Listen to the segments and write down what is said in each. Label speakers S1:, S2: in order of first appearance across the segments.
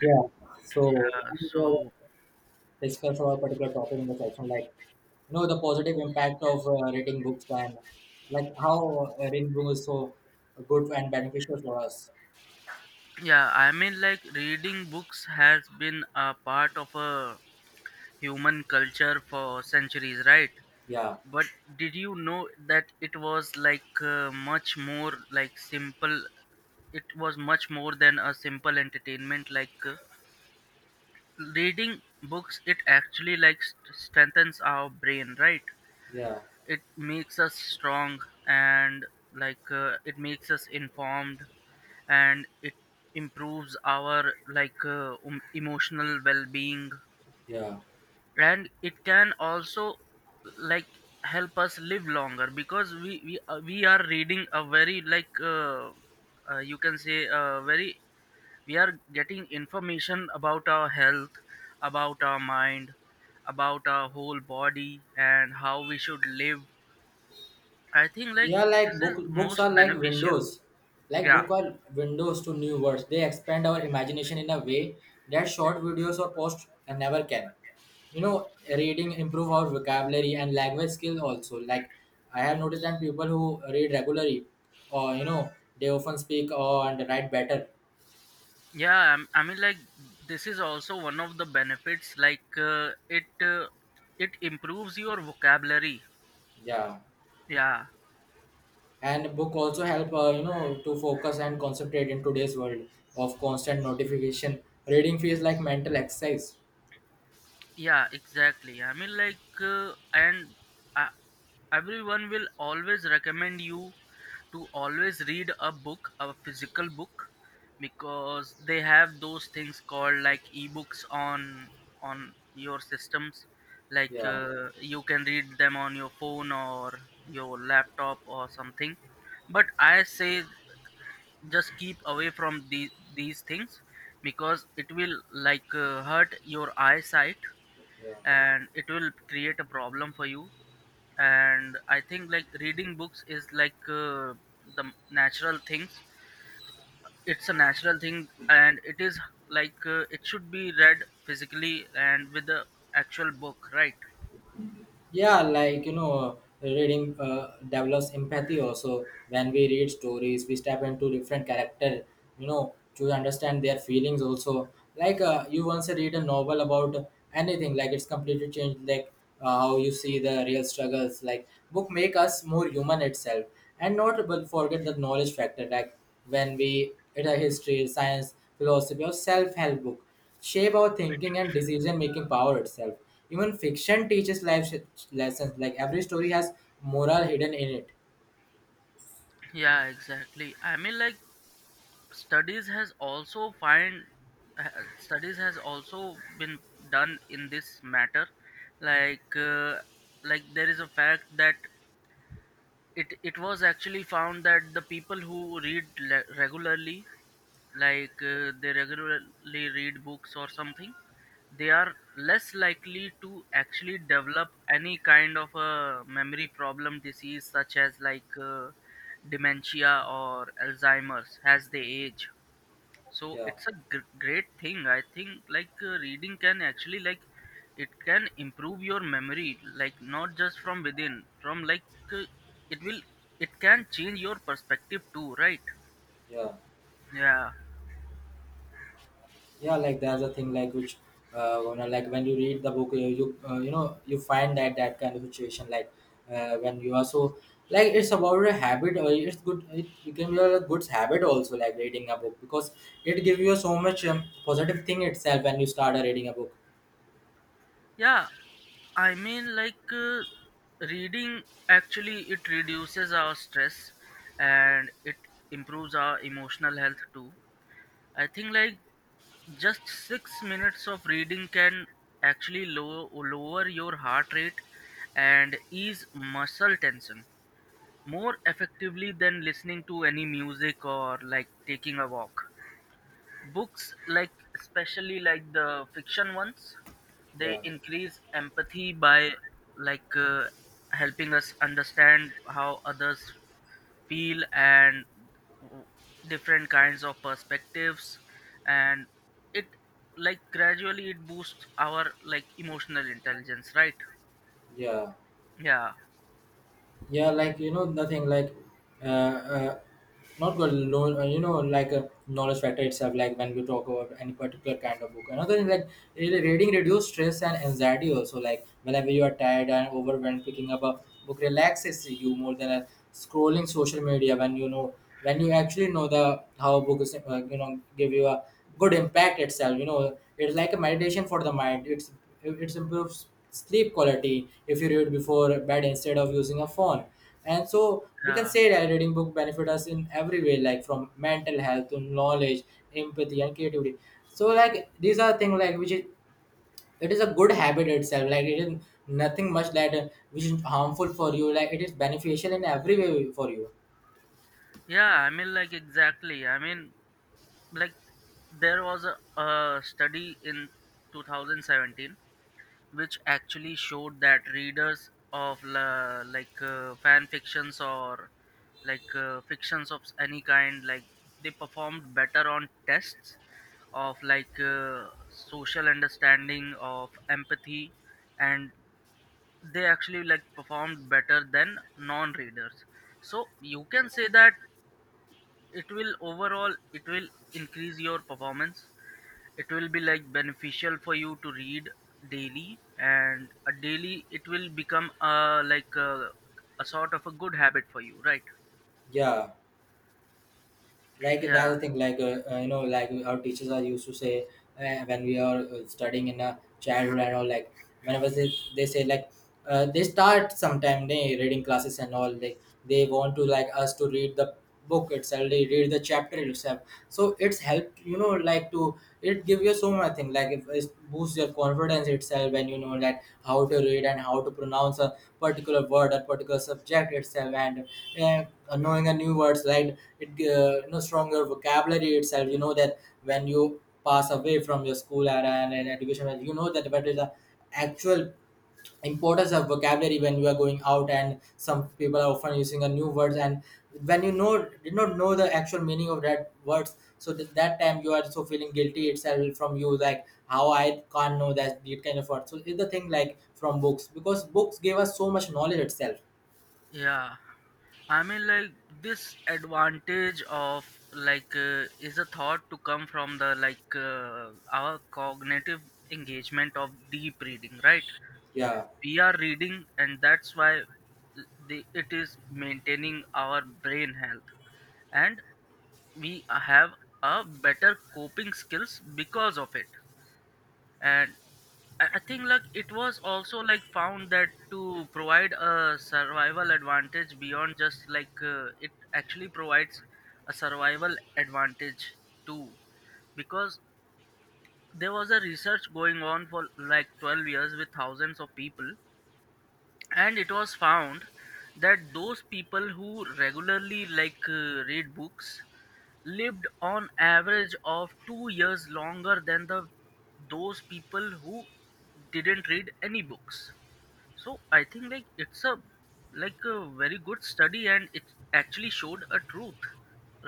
S1: Yeah. So
S2: Yeah,
S1: we will
S2: so
S1: discuss our particular topic in the section, like you know the positive impact of reading books and like how reading books is so good and beneficial for us.
S2: yeah, reading books has been a part of a human culture for centuries, right?
S1: Yeah,
S2: But did you know that it was much more like simple it was much more than a simple entertainment reading books it actually like strengthens our brain, right?
S1: yeah,
S2: It makes us strong and it makes us informed, and it improves our emotional well-being.
S1: yeah,
S2: And it can also like help us live longer because we are reading a very you can say very, we are getting information about our health, about our mind, about our whole body and how we should live. I think like
S1: yeah. Like
S2: this is
S1: books
S2: most
S1: are like
S2: beneficial.
S1: windows. Like
S2: Yeah,
S1: book are windows to new worlds. They expand our imagination in a way that short videos or posts never can. You know, reading improve our vocabulary and language skill also. Like I have noticed that people who read regularly, or you know, they often speak or and write better.
S2: yeah. I mean, like this is also one of the benefits. It improves your vocabulary.
S1: Yeah,
S2: Yeah,
S1: and book also help, you know, to focus and concentrate in today's world of constant notification. Reading feels like mental exercise.
S2: yeah, exactly. I mean, and I, everyone will always recommend you to always read a book, a physical book, because they have those things called like ebooks on your systems.
S1: Yeah,
S2: You can read them on your phone or your laptop or something. But I say just keep away from these things because it will hurt your eyesight,
S1: yeah,
S2: and it will create a problem for you. And I think like reading books is the natural things, it's a natural thing, and it is it should be read physically and with the actual book, right?
S1: yeah. Like you know, reading develops empathy also. When we read stories, we step into different character, you know, to understand their feelings also. Like you once read a novel about anything, like it's completely changed like how you see the real struggles. Like book make us more human itself, and not but forget the knowledge factor. Like when we read a history, science, philosophy or self-help book, shape our thinking and decision making power itself. Even fiction teaches lessons. Like every story has moral hidden in it.
S2: Yeah, exactly. I mean, like studies has also find studies has also been done in this matter. like uh, like there is a fact that it was actually found that the people who read regularly, they regularly read books or something, they are less likely to actually develop any kind of a memory problem disease such as dementia or Alzheimer's as they age. So
S1: Yeah,
S2: it's a great thing. I think reading can actually like it can improve your memory, like not just from within, from uh, it will it can change your perspective too, right?
S1: yeah,
S2: Yeah,
S1: yeah. Like there's a thing like which, you know, like when you read the book, you you know, you find that kind of situation. Like when you are so, like it's about a habit or it's good, it became a good habit also, like reading a book, because it gives you so much positive thing itself when you start reading a book.
S2: yeah. I mean, reading actually it reduces our stress and it improves our emotional health too. I think like just 6 minutes of reading can actually lower your heart rate and ease muscle tension more effectively than listening to any music or like taking a walk. Books, like especially like the fiction ones, they
S1: Yeah,
S2: increase empathy by like uh, helping us understand how others feel and w- different kinds of perspectives, and it like gradually it boosts our like emotional intelligence, right?
S1: yeah,
S2: Yeah,
S1: yeah. Like you know, nothing like uh, uh not good lo- you know, like a knowledge factor itself. Like when we talk about any particular kind of book, another thing like reading reduce stress and anxiety also. Like whenever you are tired and overwhelmed, picking up a book relaxes you more than a scrolling social media. When you know, when you actually know the how books you know give you a good impact itself, you know, it's like a meditation for the mind. It's it improves sleep quality if you read before bed instead of using a phone. And so we can
S2: yeah,
S1: say that reading book benefit us in every way, like from mental health to knowledge, empathy and creativity. So like these are things like which is it is a good habit itself. Like it is nothing much that which is harmful for you. Like it is beneficial in every way for you.
S2: yeah. I mean, like exactly. I mean, like there was a study in 2017 which actually showed that readers of la, like fan fictions or fictions of any kind, like they performed better on tests of social understanding of empathy, and they actually like performed better than non-readers. So you can say that it will overall it will increase your performance. It will be like beneficial for you to read daily, and a daily it will become a a sort of a good habit for you, right?
S1: Yeah, like
S2: Yeah,
S1: that's the thing like you know, like our teachers are used to say, when we are studying in a childhood and all. Like whenever they say like, they start sometime they reading classes and all, they want to like us to read the book itself, they read the chapter itself. So it's helped, you know, like to it give you so much thing, like if it boosts your confidence itself when you know that how to read and how to pronounce a particular word or particular subject itself. And knowing a new words, right, it you know stronger vocabulary itself. You know that when you pass away from your school era and education era. You know that what is the actual importance of vocabulary when you are going out and some people are often using a new words. And when you know, did not know the actual meaning of that words, so that time you are so feeling guilty itself from you, like how I can't know that it kind of word. So it's the thing like from books, because books gave us so much knowledge itself.
S2: yeah. I mean, like this advantage of is a thought to come from the our cognitive engagement of deep reading, right?
S1: Yeah.
S2: We are reading, and that's why it is maintaining our brain health. And we have a better coping skills because of it, and I think like it was also like found that to provide a survival advantage beyond just it actually provides a survival advantage too, because there was a research going on for like 12 years with thousands of people, and it was found that those people who regularly read books lived on average of 2 years longer than the those people who didn't read any books. So I think like it's a like a very good study, and it actually showed a truth,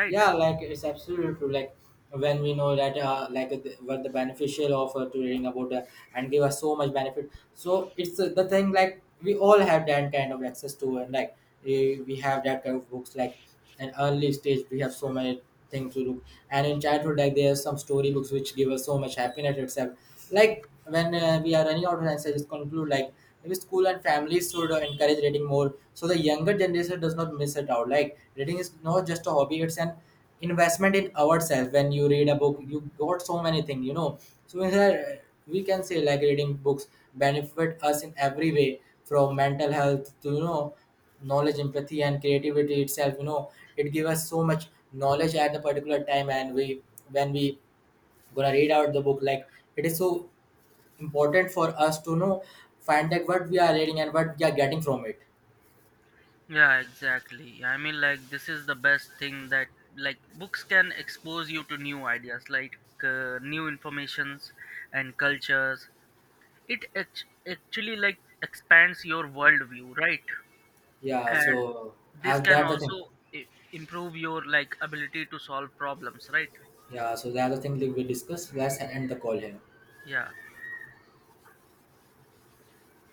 S2: right?
S1: Yeah, like it's absolutely true. Like when we know that, like the, what the beneficial of to reading about and give us so much benefit. So it's the thing like we all have that kind of access to, and like eh, we have that kind of books. Like an early stage, we have so many things to look, and in childhood, like there are some story books which give us so much happiness itself. Like when we are running out of answers, just conclude, like maybe school and families should encourage reading more so the younger generation does not miss it out. Like reading is not just a hobby; it's an investment in ourselves. When you read a book, you got so many things, you know. So in that, we can say like reading books benefit us in every way, from mental health to you know knowledge, empathy, and creativity itself. You know, it gives us so much knowledge at the particular time, and we when we gonna read out the book, like it is so important for us to know find out what we are reading and what we are getting from it.
S2: Yeah, exactly. I mean, like this is the best thing that, like, books can expose you to new ideas, new informations and cultures. It actually, like, expands your worldview, right?
S1: Yeah,
S2: And
S1: so
S2: this
S1: as
S2: can
S1: that the thing.
S2: also i- improve your, like, ability to solve problems, right?
S1: Yeah, so that's the thing that we discussed. Let's end the call here.
S2: Yeah.